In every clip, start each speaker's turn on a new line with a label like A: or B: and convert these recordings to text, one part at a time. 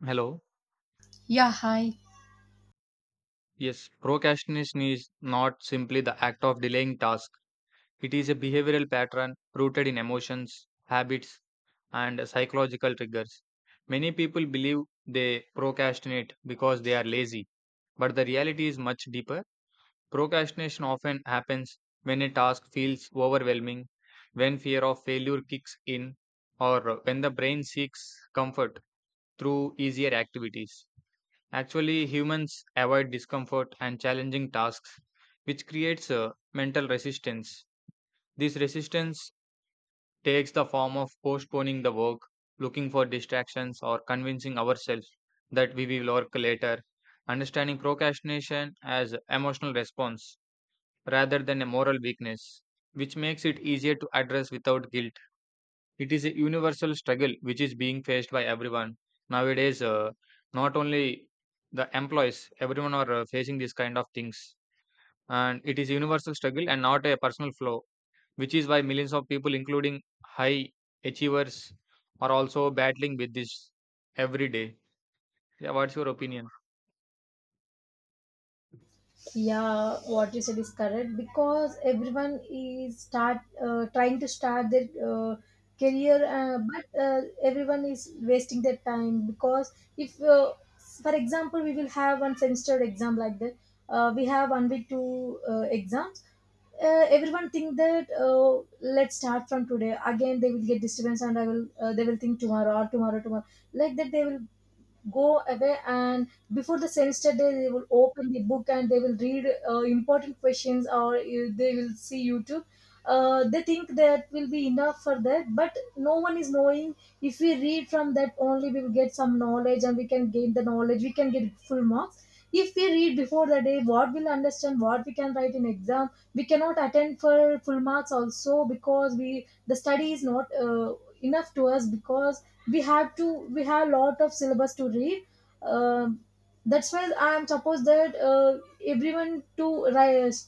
A: Hello.
B: Yeah, hi.
A: Yes, procrastination is not simply the act of delaying tasks. It is a behavioral pattern rooted in emotions, habits, and psychological triggers. Many people believe they procrastinate because they are lazy, but the reality is much deeper. Procrastination often happens when a task feels overwhelming, when fear of failure kicks in, or when the brain seeks comfort through easier activities. Actually, humans avoid discomfort and challenging tasks, which creates a mental resistance. This resistance takes the form of postponing the work, looking for distractions, or convincing ourselves that we will work later. Understanding procrastination as emotional response rather than a moral weakness, which makes it easier to address without guilt. It is a universal struggle which is being faced by everyone nowadays. Not only the employees, everyone are facing these kind of things, and it is a universal struggle and not a personal flaw. Which is why millions of people, including high achievers, are also battling with this every day. Yeah, what's your opinion?
B: Yeah, what you said is correct because everyone is start trying to start their career, but everyone is wasting their time because if, for example, we will have one semester exam like that, we have 1 week two exams. Everyone think that let's start from today. Again, they will get disturbance, and I will they will think tomorrow or tomorrow, like that. They will go away and before the semester day they will open the book and they will read important questions or they will see youtube, they think that will be enough for that, but no one is knowing. If we read from that only, we will get some knowledge and we can gain the knowledge, we can get full marks. If we read before the day, what we'll understand, what we can write in exam? We cannot attend for full marks also because we the study is not enough to us because we have to, we have a lot of syllabus to read. Um that's why I am suppose that everyone to rise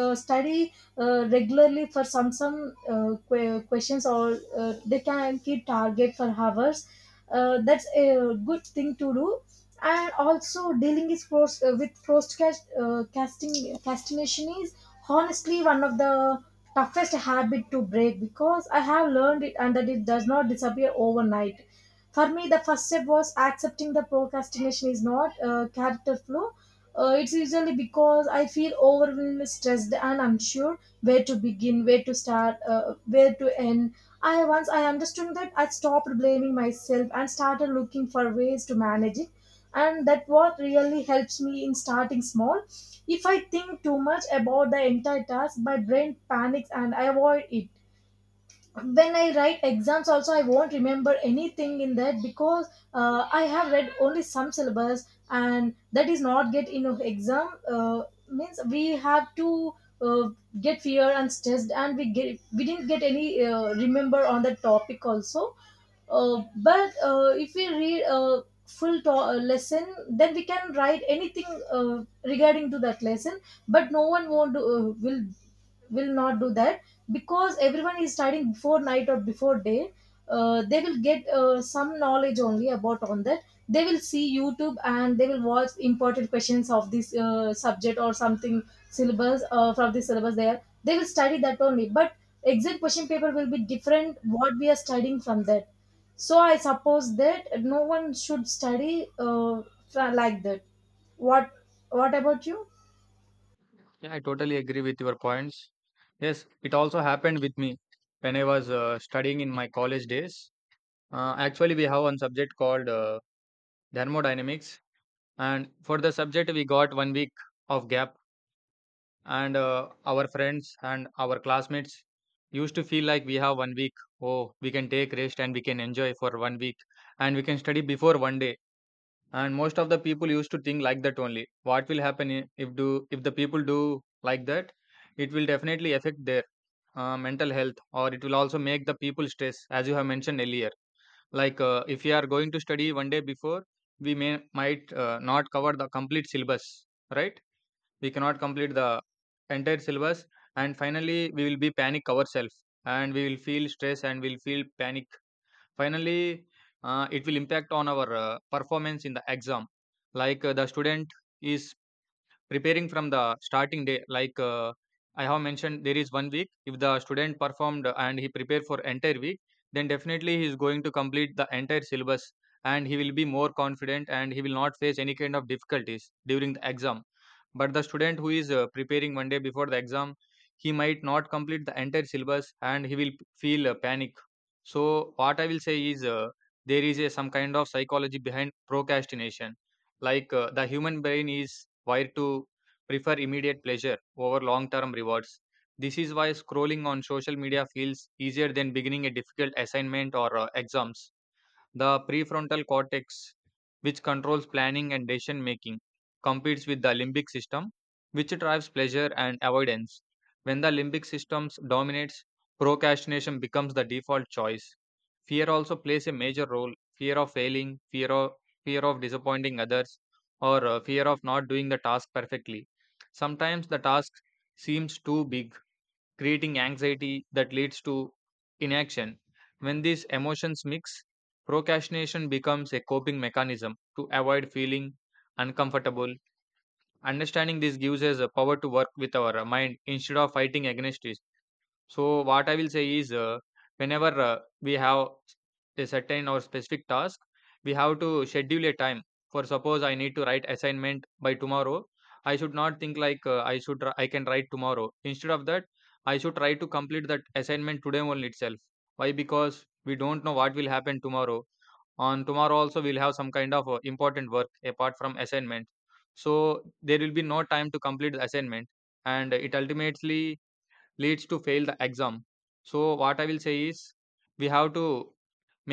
B: study regularly for some questions, or they can keep target for hours. That's a good thing to do. And also dealing is post, with postcast casting castination is honestly one of the toughest habit to break because I have learned it, and that it does not disappear overnight. For me the first step was accepting the procrastination is not a character flaw. It's usually because I feel overwhelmed, stressed, and unsure where to begin, where to start, where to end. I, once I understood that, I stopped blaming myself and started looking for ways to manage it, and that what really helps me in starting small. If I think too much about the entire task, my brain panics and I avoid it. When I write exams also, I won't remember anything in that because I have read only some syllabus and that is not get in of exam. Means we have to uh, get fear and stressed, and we get, we didn't get any remember on the topic also. But If we read a full lesson, then we can write anything uh, regarding to that lesson. But no one won't do, will not do that because everyone is studying before night or before day. They will get some knowledge only about on that. They will see youtube and they will watch important questions of this subject or something, syllabus, from the syllabus there they will study that only. But exit question paper will be different, what we are studying from that. So I suppose that no one should study like that. what what about you?
A: Yeah, I totally agree with your points. Yes, it also happened with me when I was studying in my college days. Actually, we have one subject called thermodynamics. And for the subject, we got 1 week of gap, and our friends and our classmates used to feel like, we have 1 week, oh, we can take rest and we can enjoy for 1 week, and we can study before 1 day. And most of the people used to think like that only. What will happen if do if the people do like that, it will definitely affect their mental health, or it will also make the people stress, as you have mentioned earlier. Like, if you are going to study 1 day before, we may might not cover the complete syllabus, right? We cannot complete the entire syllabus, and finally we will be panic ourselves, and we will feel stress and we'll feel panic. Finally, it will impact on our performance in the exam. Like, the student is preparing from the starting day. Like, I have mentioned, there is 1 week. If the student performed and he prepared for entire week, then definitely he is going to complete the entire syllabus, and he will be more confident, and he will not face any kind of difficulties during the exam. But the student who is preparing 1 day before the exam, he might not complete the entire syllabus, and he will feel panic. So what I will say is, there is a some kind of psychology behind procrastination. Like, the human brain is wired to prefer immediate pleasure over long term rewards. This is why scrolling on social media feels easier than beginning a difficult assignment or exams. The prefrontal cortex, which controls planning and decision making, competes with the limbic system, which drives pleasure and avoidance. When the limbic system dominates, procrastination becomes the default choice. Fear also plays a major role. Fear of failing, fear of disappointing others, or fear of not doing the task perfectly. Sometimes the task seems too big, creating anxiety that leads to inaction. When these emotions mix, procrastination becomes a coping mechanism to avoid feeling uncomfortable. Understanding this gives us the power to work with our mind instead of fighting against it. So what I will say is, whenever we have a certain or specific task, we have to schedule a time. For suppose, I need to write assignment by tomorrow. I should not think like, I should I can write tomorrow. Instead of that, I should try to complete that assignment today only itself. Why? Because we don't know what will happen tomorrow. On tomorrow also, we'll have some kind of important work apart from assignment. So there will be no time to complete the assignment, and it ultimately leads to fail the exam. So what I will say is, we have to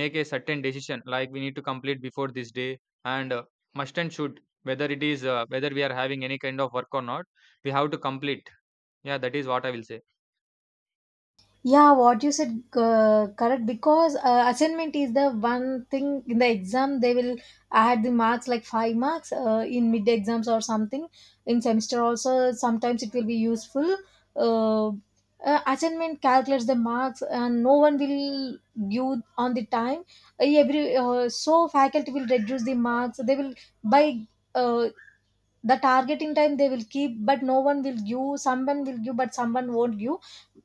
A: make a certain decision, like we need to complete before this day, and must and should, whether it is whether we are having any kind of work or not, we have to complete. Yeah, that is what I will say.
B: Yeah, what you said correct because assignment is the one thing in the exam. They will add the marks like 5 marks in mid exams or something. In semester also sometimes it will be useful. Uh, Assignment calculates the marks and no one will give on the time. Every so faculty will reduce the marks. They will by uh, the targeting time they will keep, but no one will give, someone will give but someone won't give.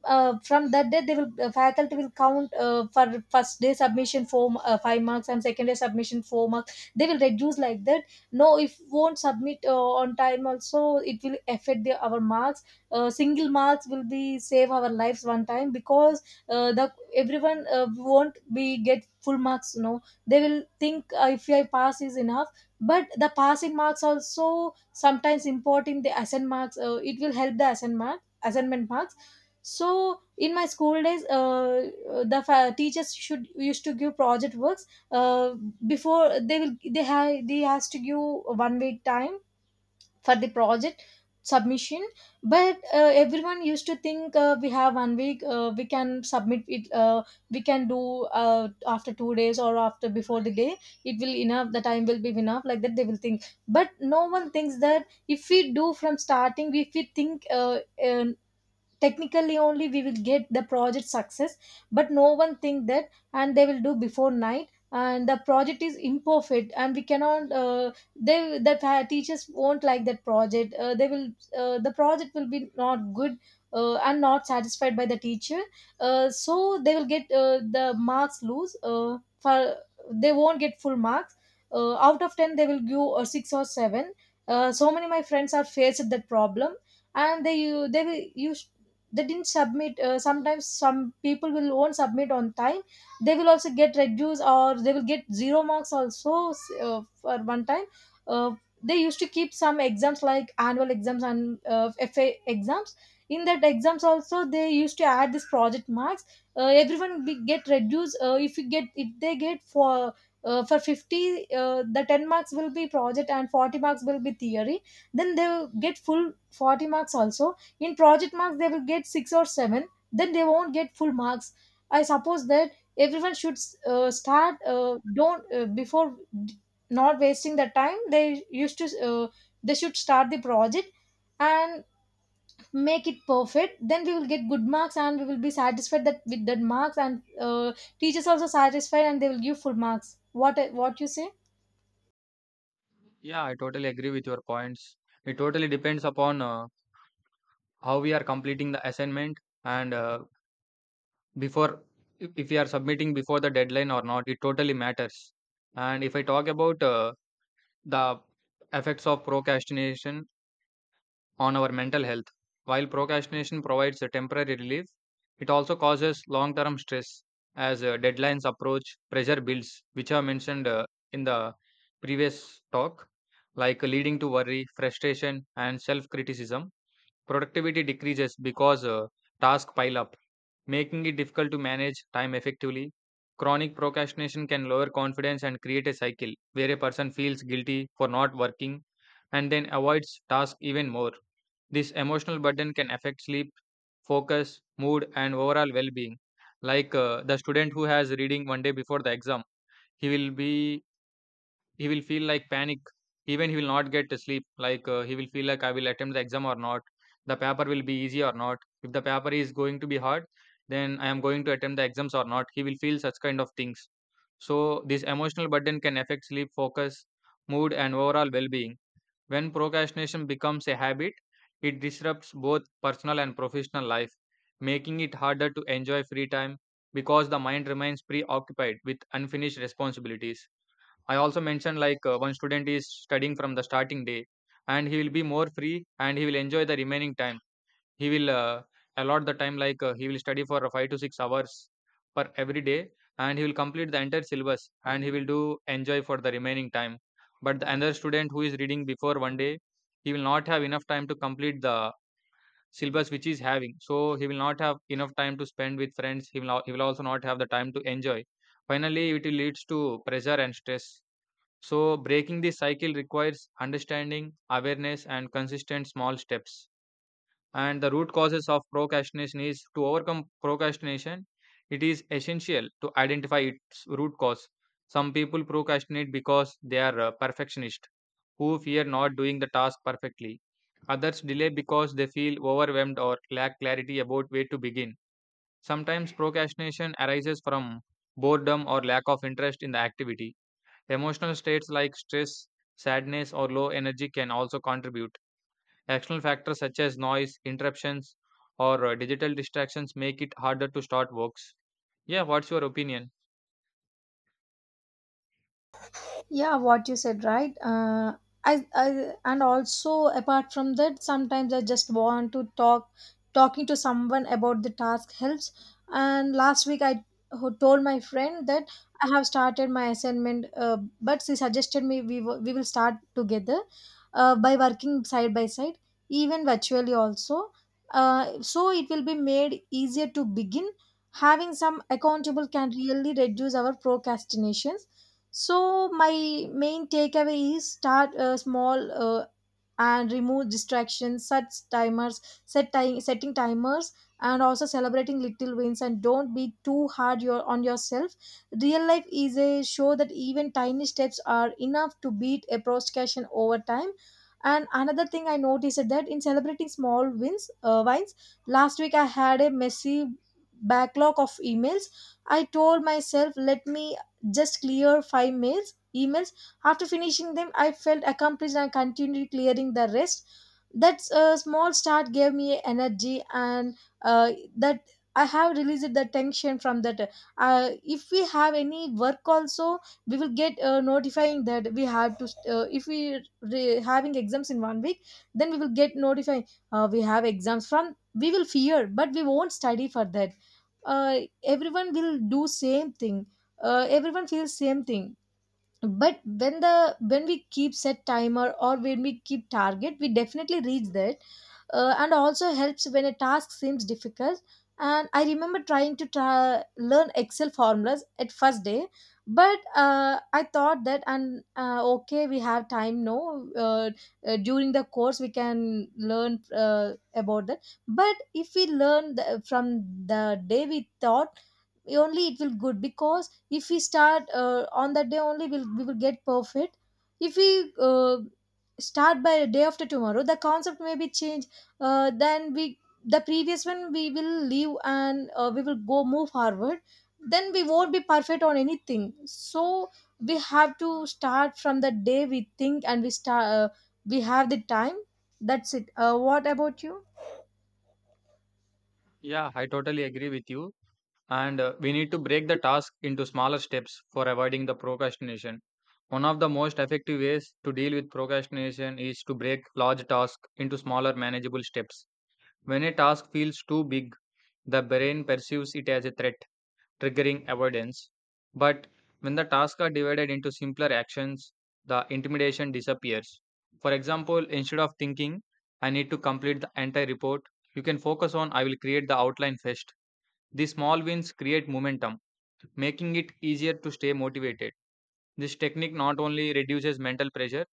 B: From that day they will, faculty will count for first day submission five marks, and second day submission 4 marks they will reduce like that. No, if won't submit on time also, it will affect our marks. Single marks will be save our lives one time because the everyone won't be get full marks, no. They will think if I pass is enough. But the passing marks also sometimes important, the assignment marks, it will help the assignment marks. So in my school days, teachers should used to give project works. Uh, before they will they have, they has to give 1 week time for the project submission. But everyone used to think we have 1 week, we can submit it, we can do after 2 days or after before the day, it will enough, the time will be enough, like that they will think. But no one thinks that if we do from starting, if we think uh, technically only, we will get the project success. But no one think that, and they will do before night, and the project is imperfect and we cannot, teachers won't like that project. The project will be not good and not satisfied by the teacher. So they will get the marks lose. For They won't get full marks. Out of 10 they will give a 6 or 7. So many my friends are faced that problem. And they will used they didn't submit. Sometimes some people will won't submit on time, they will also get reduced or they will get zero marks also, for one time. uh, they used to keep some exams like annual exams and fa exams. In that exams also, they used to add this project marks. Everyone get reduced if they get for, for 50, the 10 marks will be project and 40 marks will be theory. Then they'll get full 40 marks also. In project marks they will get 6 or 7, then they won't get full marks. I suppose that everyone should start, don't before d- not wasting the time they used to they should start the project and make it perfect, then we will get good marks and we will be satisfied that with that marks, and uh, teachers also satisfied and they will give full marks. What you say?
A: Yeah, I totally agree with your points. It totally depends upon how we are completing the assignment, and before, if we are submitting before the deadline or not, it totally matters. And if I talk about the effects of procrastination on our mental health. While procrastination provides a temporary relief, it also causes long term stress as deadlines approach, pressure builds, which are mentioned in the previous talk, like leading to worry, frustration, and self criticism. Productivity decreases because tasks pile up, making it difficult to manage time effectively. Chronic procrastination can lower confidence and create a cycle where a person feels guilty for not working and then avoids tasks even more. This emotional burden can affect sleep, focus, mood, and overall well being. Like, the student who has reading 1 day before the exam, he will be he will feel like panic. Even he will not get to sleep. Like, he will feel like, I will attempt the exam or not. The paper will be easy or not. If the paper is going to be hard, then I am going to attempt the exams or not. He will feel such kind of things. So this emotional burden can affect sleep, focus, mood, and overall well being. When procrastination becomes a habit, it disrupts both personal and professional life, making it harder to enjoy free time because the mind remains preoccupied with unfinished responsibilities. I also mentioned, like, one student is studying from the starting day, and he will be more free, and he will enjoy the remaining time. He will allot the time like, he will study for 5 to 6 hours per every day, and he will complete the entire syllabus, and he will do enjoy for the remaining time. But the another student who is reading before 1 day, he will not have enough time to complete the syllabus which he is having. So he will not have enough time to spend with friends. He will, he will also not have the time to enjoy. Finally, it will leads to pressure and stress. So, breaking this cycle requires understanding, awareness, and consistent small steps. And the root causes of procrastination is to overcome procrastination, it is essential to identify its root cause. Some people procrastinate because they are perfectionist, who fear not doing the task perfectly. Others delay because they feel overwhelmed or lack clarity about where to begin. Sometimes procrastination arises from boredom or lack of interest in the activity. Emotional states like stress, sadness, or low energy can also contribute. External factors such as noise, interruptions, or digital distractions make it harder to start works. Yeah, what's your opinion?
B: Yeah, what you said right. I and also, apart from that, sometimes I just want to talk, talking to someone about the task helps. And last week i told my friend that I have started my assignment, but she suggested me, we will start together by working side by side, even virtually also. So it will be made easier to begin. Having some accountable can really reduce our procrastination. So my main takeaway is start small, and remove distractions, such timers, setting timers, and also celebrating little wins, and don't be too hard on yourself. Real life is a show that even tiny steps are enough to beat a procrastination over time. And another thing I noticed is that in celebrating small wins, last week I had a messy backlog of emails. I told myself, let me just clear five mails emails. After finishing them, I felt accomplished and continued clearing the rest. That small start gave me energy, and uh, that I have released the tension from that. If we have any work also, we will get notifying that we have to, if we having exams in 1 week, then we will get notifying we have exams from, we will fear but we won't study for that. Everyone will do same thing, everyone feels same thing. But when the, when we keep set timer or when we keep target, we definitely reach that. And also helps when a task seems difficult. And I remember trying to learn excel formulas at first day. But I thought that, and okay we have time, no, during the course we can learn about that. But if we learn from the day we thought only, it will good because if we start on that day only, we will get perfect. If we start by a day after tomorrow, the concept may be changed, then we, the previous one we will leave, and we will go move forward, then we won't be perfect on anything. So we have to start from the day we think, and we start, we have the time. That's it. What about you?
A: Yeah, I totally agree with you. And we need to break the task into smaller steps for avoiding the procrastination. One of the most effective ways to deal with procrastination is to break large tasks into smaller manageable steps. When a task feels too big, the brain perceives it as a threat triggering avoidance. But when the tasks are divided into simpler actions, the intimidation disappears. For example, instead of thinking, I need to complete the entire report, you can focus on, I will create the outline first. These small wins create momentum, making it easier to stay motivated. This technique not only reduces mental pressure,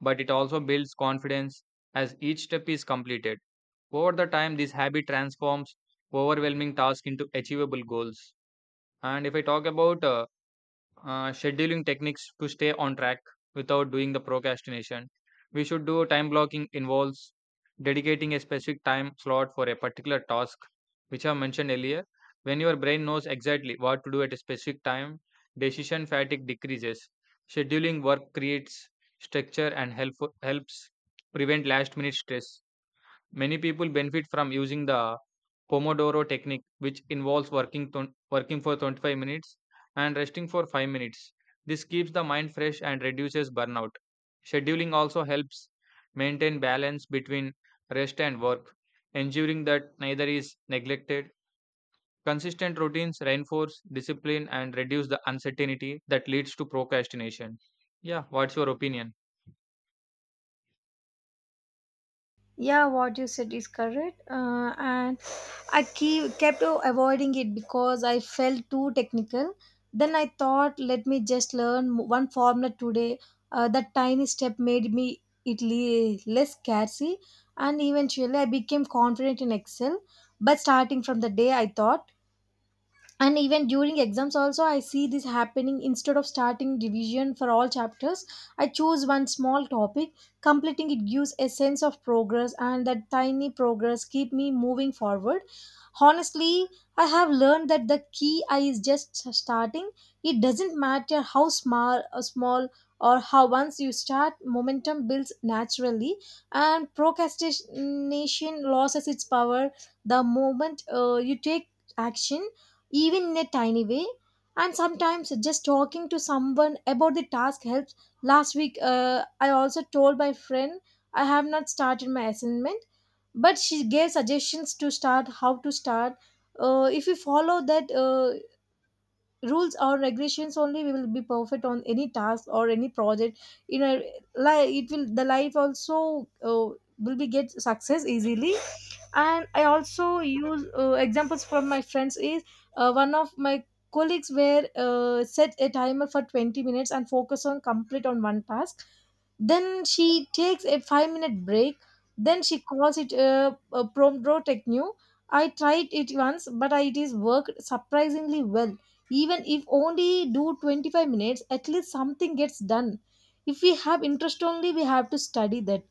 A: but it also builds confidence as each step is completed. Over the time, this habit transforms overwhelming tasks into achievable goals. And if I talk about scheduling techniques to stay on track without doing the procrastination. We should do time blocking. Involves dedicating a specific time slot for a particular task, which I mentioned earlier. When your brain knows exactly what to do at a specific time, decision fatigue decreases. Scheduling work creates structure and helps prevent last minute stress. Many people benefit from using the Pomodoro technique, which involves working for 25 minutes and resting for 5 minutes. This keeps the mind fresh and reduces burnout. Scheduling also helps maintain balance between rest and work, ensuring that neither is neglected. Consistent routines reinforce discipline and reduce the uncertainty that leads to procrastination. Yeah, what's your opinion?
B: Yeah, what you said is correct. And i kept avoiding it because I felt too technical. Then I thought, let me just learn one formula today. That tiny step made me, it less scary, and eventually I became confident in excel, but starting from the day I thought. And even during exams also, I see this happening. Instead of starting revision for all chapters, I choose one small topic. Completing it gives a sense of progress, and that tiny progress keep me moving forward. Honestly, I have learned that the key I is just starting. It doesn't Matter how small or small or how, once you start, momentum builds naturally and procrastination loses its power the moment you take action, even in a tiny way. And sometimes just talking to someone about the task helps. Last week, I also told my friend I have not started my assignment, but she gave suggestions to start, how to start. Uh, if we follow that, rules or regulations only, we will be perfect on any task or any project, you know like it will the life also will be get success easily. And I also use examples from my friends is, one of my colleagues were, set a timer for 20 minutes and focus on complete on one task. Then she takes a 5 minute break. Then she calls it a Promodoro technique. I tried it once, but it is worked surprisingly well. Even if only do 25 minutes, at least something gets done. If we have interest only, we have to study that.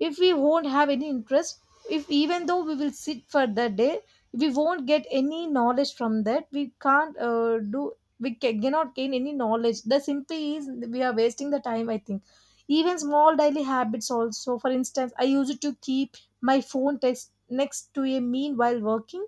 B: If we won't have any interest, if even though we will sit for the day, we won't get any knowledge from that. We can't do. We cannot gain any knowledge. The simply is we are wasting the time, I think. Even small daily habits also. For instance, I used to keep my phone text next to a meal while working.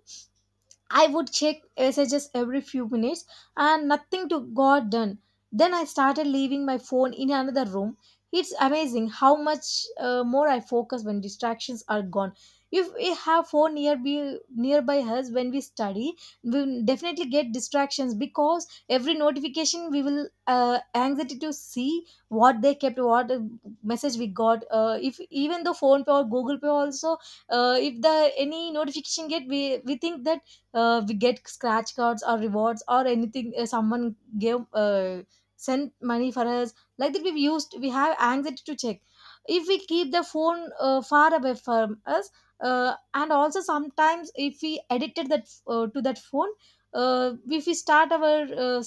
B: I would check messages every few minutes and nothing to got done. Then I started leaving my phone in another room. It's amazing how much more I focus when distractions are gone. If we have phone nearby us when we study, we will definitely get distractions, because every notification we will, anxiety to see what they kept, what, message we got. If even though phone pay or Google pay also, if the any notification get, we think that we get scratch cards or rewards or anything, someone gave, sent money for us, like that we've used, we have anxiety to check if we keep the phone far away from us. And also sometimes if we addicted that, to that phone, if we start our,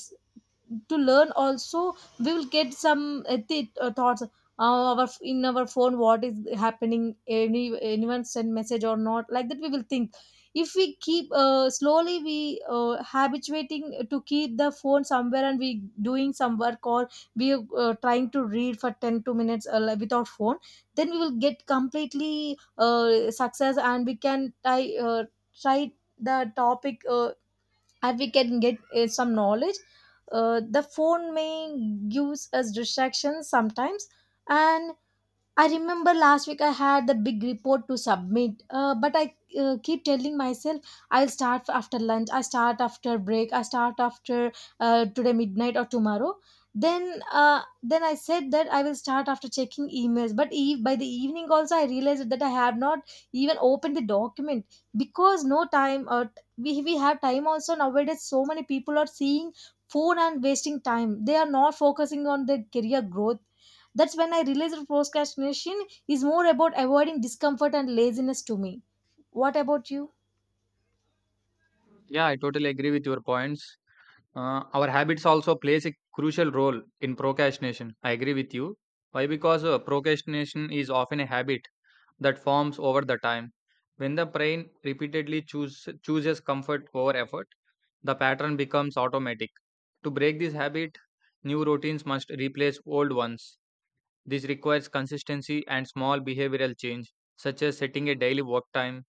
B: to learn also, we will get some, thoughts, our in our phone what is happening, any anyone send message or not, like that we will think. If we keep, slowly we, habituating to keep the phone somewhere and we doing some work, or we trying to read for 10 to minutes, like, without phone, then we will get completely success and we can try, try the topic, and we can get some knowledge. The phone may gives us distractions sometimes, and I remember last week I had the big report to submit, but I keep telling myself I'll start after lunch, I start after break, I start after, today midnight or tomorrow. Then I said that I will start after checking emails. But by the evening also, I realized that I have not even opened the document, because no time. Or we have time also nowadays. So many people are seeing phone and wasting time. They are not focusing on their career growth. That's when I realized procrastination is more about avoiding discomfort and laziness to me. What about you?
A: Yeah, I totally agree with your points. Our habits also plays a crucial role in procrastination. I agree with you. Why? Because procrastination is often a habit that forms over the time. When the brain repeatedly chooses comfort over effort, the pattern becomes automatic. To break this habit, new routines must replace old ones. This requires consistency and small behavioral change, such as setting a daily work time,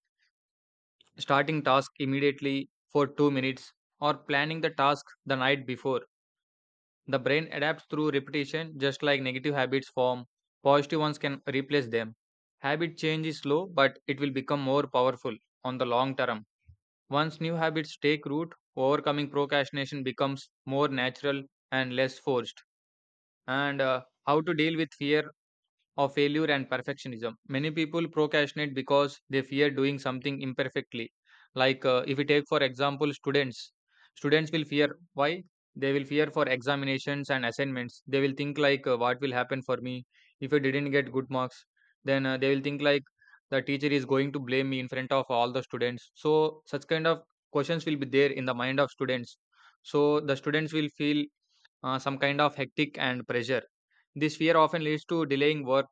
A: starting task immediately for 2 minutes, or planning the task the night before. The brain adapts through repetition. Just like negative habits form, positive ones can replace them. Habit change is slow, but it will become more powerful on the long term. Once new habits take root, overcoming procrastination becomes more natural and less forced. And How to deal with fear of failure and perfectionism? Many people procrastinate because they fear doing something imperfectly. If we take for example students, students will fear. Why? They will fear for examinations and assignments. They will think like, what will happen for me if I didn't get good marks? Then They will think like the teacher is going to blame me in front of all the students. So such kind of questions will be there in the mind of students. So the students will feel some kind of hectic and pressure. This fear often leads to delaying work,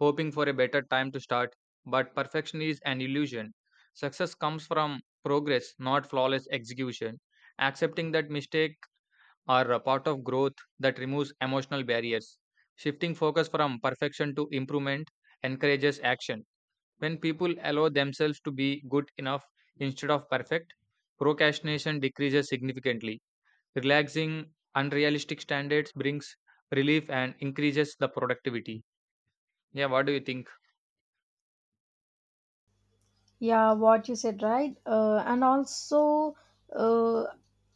A: hoping for a better time to start, but perfection is an illusion. Success comes from progress, not flawless execution. Accepting that mistakes are a part of growth, that removes emotional barriers. Shifting focus from perfection to improvement encourages action. When people allow themselves to be good enough instead of perfect, procrastination decreases significantly. Relaxing unrealistic standards brings relief and increases the productivity. Yeah, what do you think?
B: Yeah, what you said, right? And also, uh,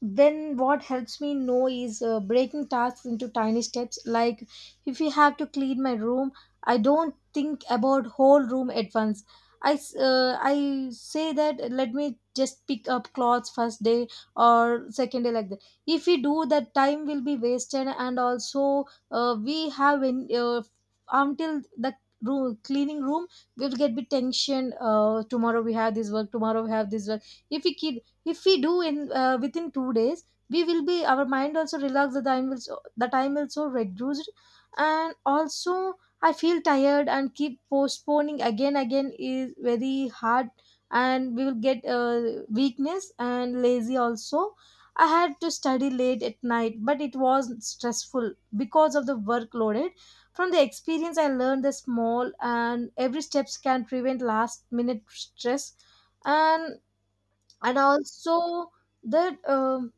B: then what helps me know is, breaking tasks into tiny steps. Like if you have to clean my room, I don't think about whole room at once. I say that let me just pick up clothes first day or second day, like that. If we do that, time will be wasted, and also, we have in, until the room cleaning room, we'll get bit tension, tomorrow we have this work, tomorrow we have this work. If we keep, if we do in, within 2 days, we will be our mind also relaxed, the time will so, the time will so reduced. And also, I feel tired and keep postponing again again is very hard, and we will get weakness and lazy also. I had to study late at night, but it was stressful because of the workload. From the experience, I learned the small and every steps can prevent last minute stress, and and also that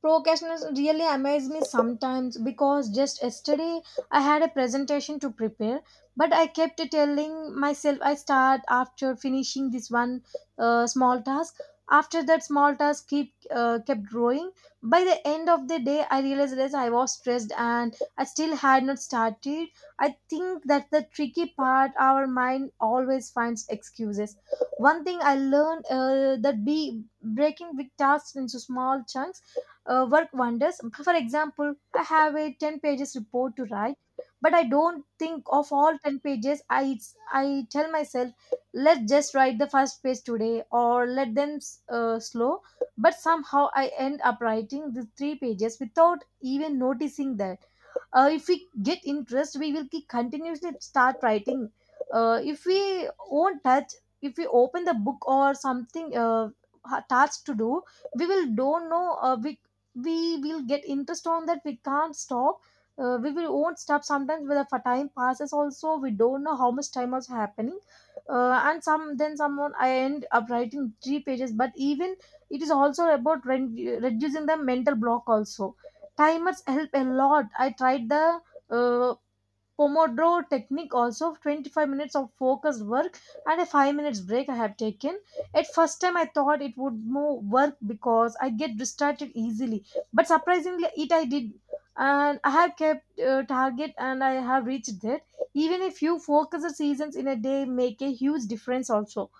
B: procrastination really amazes me sometimes, because just yesterday I had a presentation to prepare, but I kept telling myself I start after finishing this one, small task. After that small task keep kept growing. By the end of the day, I realized that I was stressed and I still had not started. I think that the tricky part. Our mind always finds excuses. One thing I learned, that be breaking big tasks into small chunks work wonders. For example, I have a 10 pages report to write, but I don't think of all 10 pages. I tell myself, let's just write the first page today, or let them, slow. But somehow I end up writing the three pages without even noticing that, if we get interest, we will keep continuously start writing. Uh, if we won't touch, if we open the book or something, task to do, we will don't know, we will get interest on that, we can't stop, we will won't stop sometimes, when the time passes also we don't know how much time was happening. Uh, and some then someone I end up writing three pages, but even it is also about reducing the mental block also. Timers help a lot. I tried the, uh, pomodoro technique also, 25 minutes of focused work and a 5 minutes break I have taken. At first time I thought it would more work because I get distracted easily, but surprisingly it I did, and I have kept target and I have reached that. Even a few focused seasons in a day make a huge difference also.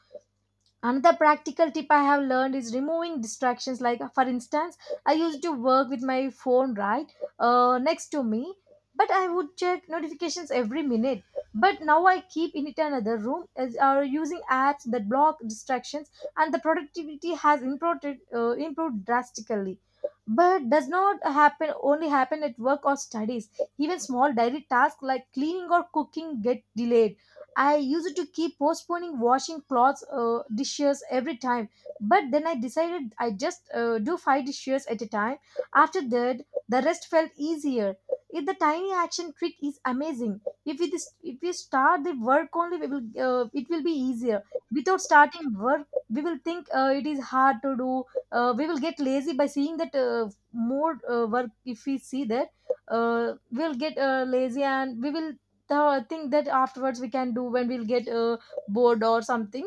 B: Another practical tip I have learned is removing distractions. Like, for instance, I used to work with my phone right, next to me, but I would check notifications every minute. But now I keep in it another room, as are using apps that block distractions, and the productivity has improved drastically. But does not happen only happen at work or studies. Even small daily tasks like cleaning or cooking get delayed. I used to keep postponing washing clothes, dishes every time. But then I decided I just do five dishes at a time. After that, the rest felt easier. If the tiny action trick is amazing. If we start the work only, we will, it will be easier. Without starting work, we will think it is hard to do. We will get lazy by seeing that more work. If we see that, we'll get lazy and we will the thing that afterwards we can do when we'll get, bored or something.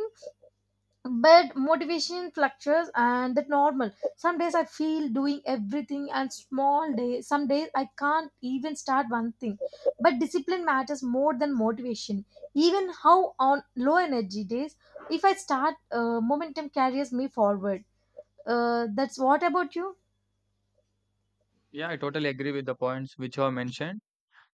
B: But motivation fluctuates and that normal. Some days I feel doing everything and small days, some days I can't even start one thing. But discipline matters more than motivation. Even how on low energy days, if I start, momentum carries me forward. Uh, that's what about you.
A: Yeah, I totally agree with the points which you have mentioned.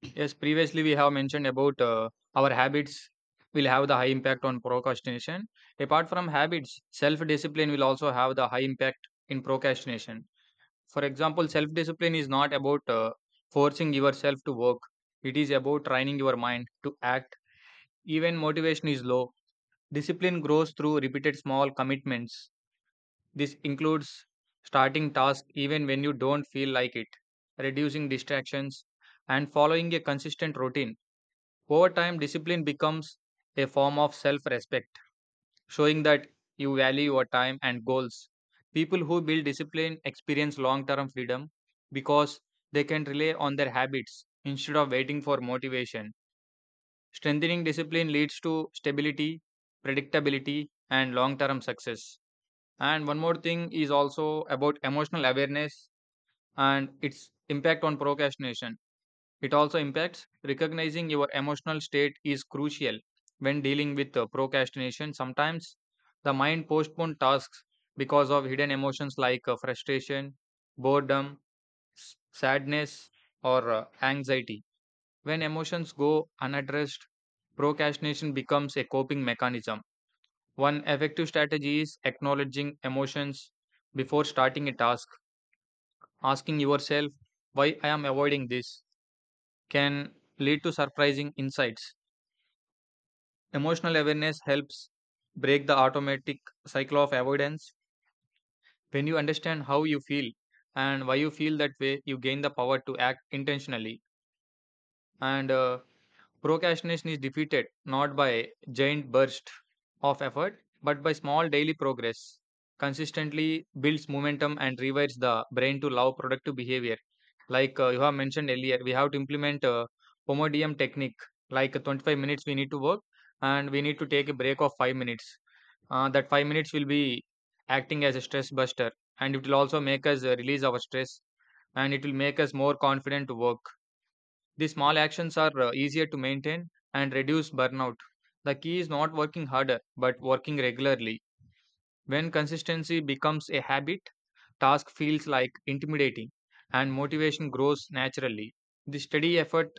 A: Yes, previously we have mentioned about our habits will have the high impact on procrastination. Apart from habits, self discipline will also have the high impact in procrastination. For example, self discipline is not about forcing yourself to work, it is about training your mind to act. Even motivation is low, discipline grows through repeated small commitments. This includes starting tasks even when you don't feel like it, reducing distractions, and following a consistent routine. Over time, discipline becomes a form of self respect, showing that you value your time and goals. People who build discipline experience long term freedom, because they can rely on their habits instead of waiting for motivation. Strengthening discipline leads to stability, predictability, and long term success. And one more thing is also about emotional awareness and its impact on procrastination. It also impacts. Recognizing your emotional state is crucial when dealing with procrastination. Sometimes the mind postpones tasks because of hidden emotions like, frustration, boredom, sadness, or anxiety. When emotions go unaddressed, procrastination becomes a coping mechanism. One effective strategy is acknowledging emotions before starting a task. Asking yourself, why I am avoiding this, can lead to surprising insights. Emotional awareness helps break the automatic cycle of avoidance. When you understand how you feel and why you feel that way, you gain the power to act intentionally. And Procrastination is defeated not by a giant burst of effort, but by small daily progress. Consistently builds momentum and rewires the brain to love productive behavior. You have mentioned earlier, we have to implement a Pomodoro technique. 25 minutes we need to work, and we need to take a break of 5 minutes. That 5 minutes will be acting as a stress buster, and it will also make us release our stress, and it will make us more confident to work. These small actions are easier to maintain and reduce burnout. The key is not working harder, but working regularly. When consistency becomes a habit, task feels like intimidating and motivation grows naturally. The steady effort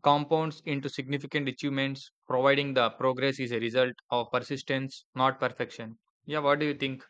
A: compounds into significant achievements, providing the progress is a result of persistence, not perfection. Yeah, what do you think?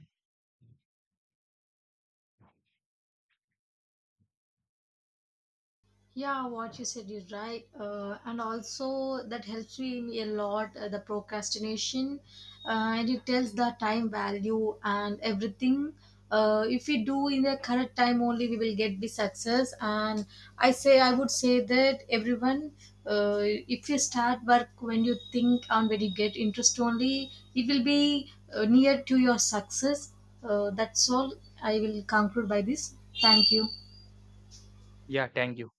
B: Yeah, what you said is right. And also, that helps me a lot, the procrastination, and it tells the time value and everything. If we do in the correct time only, we will get the success. And I would say that everyone, if you start work when you think and when you get interest only, it will be near to your success. That's all. I will conclude by this. Thank you.
A: Yeah, thank you.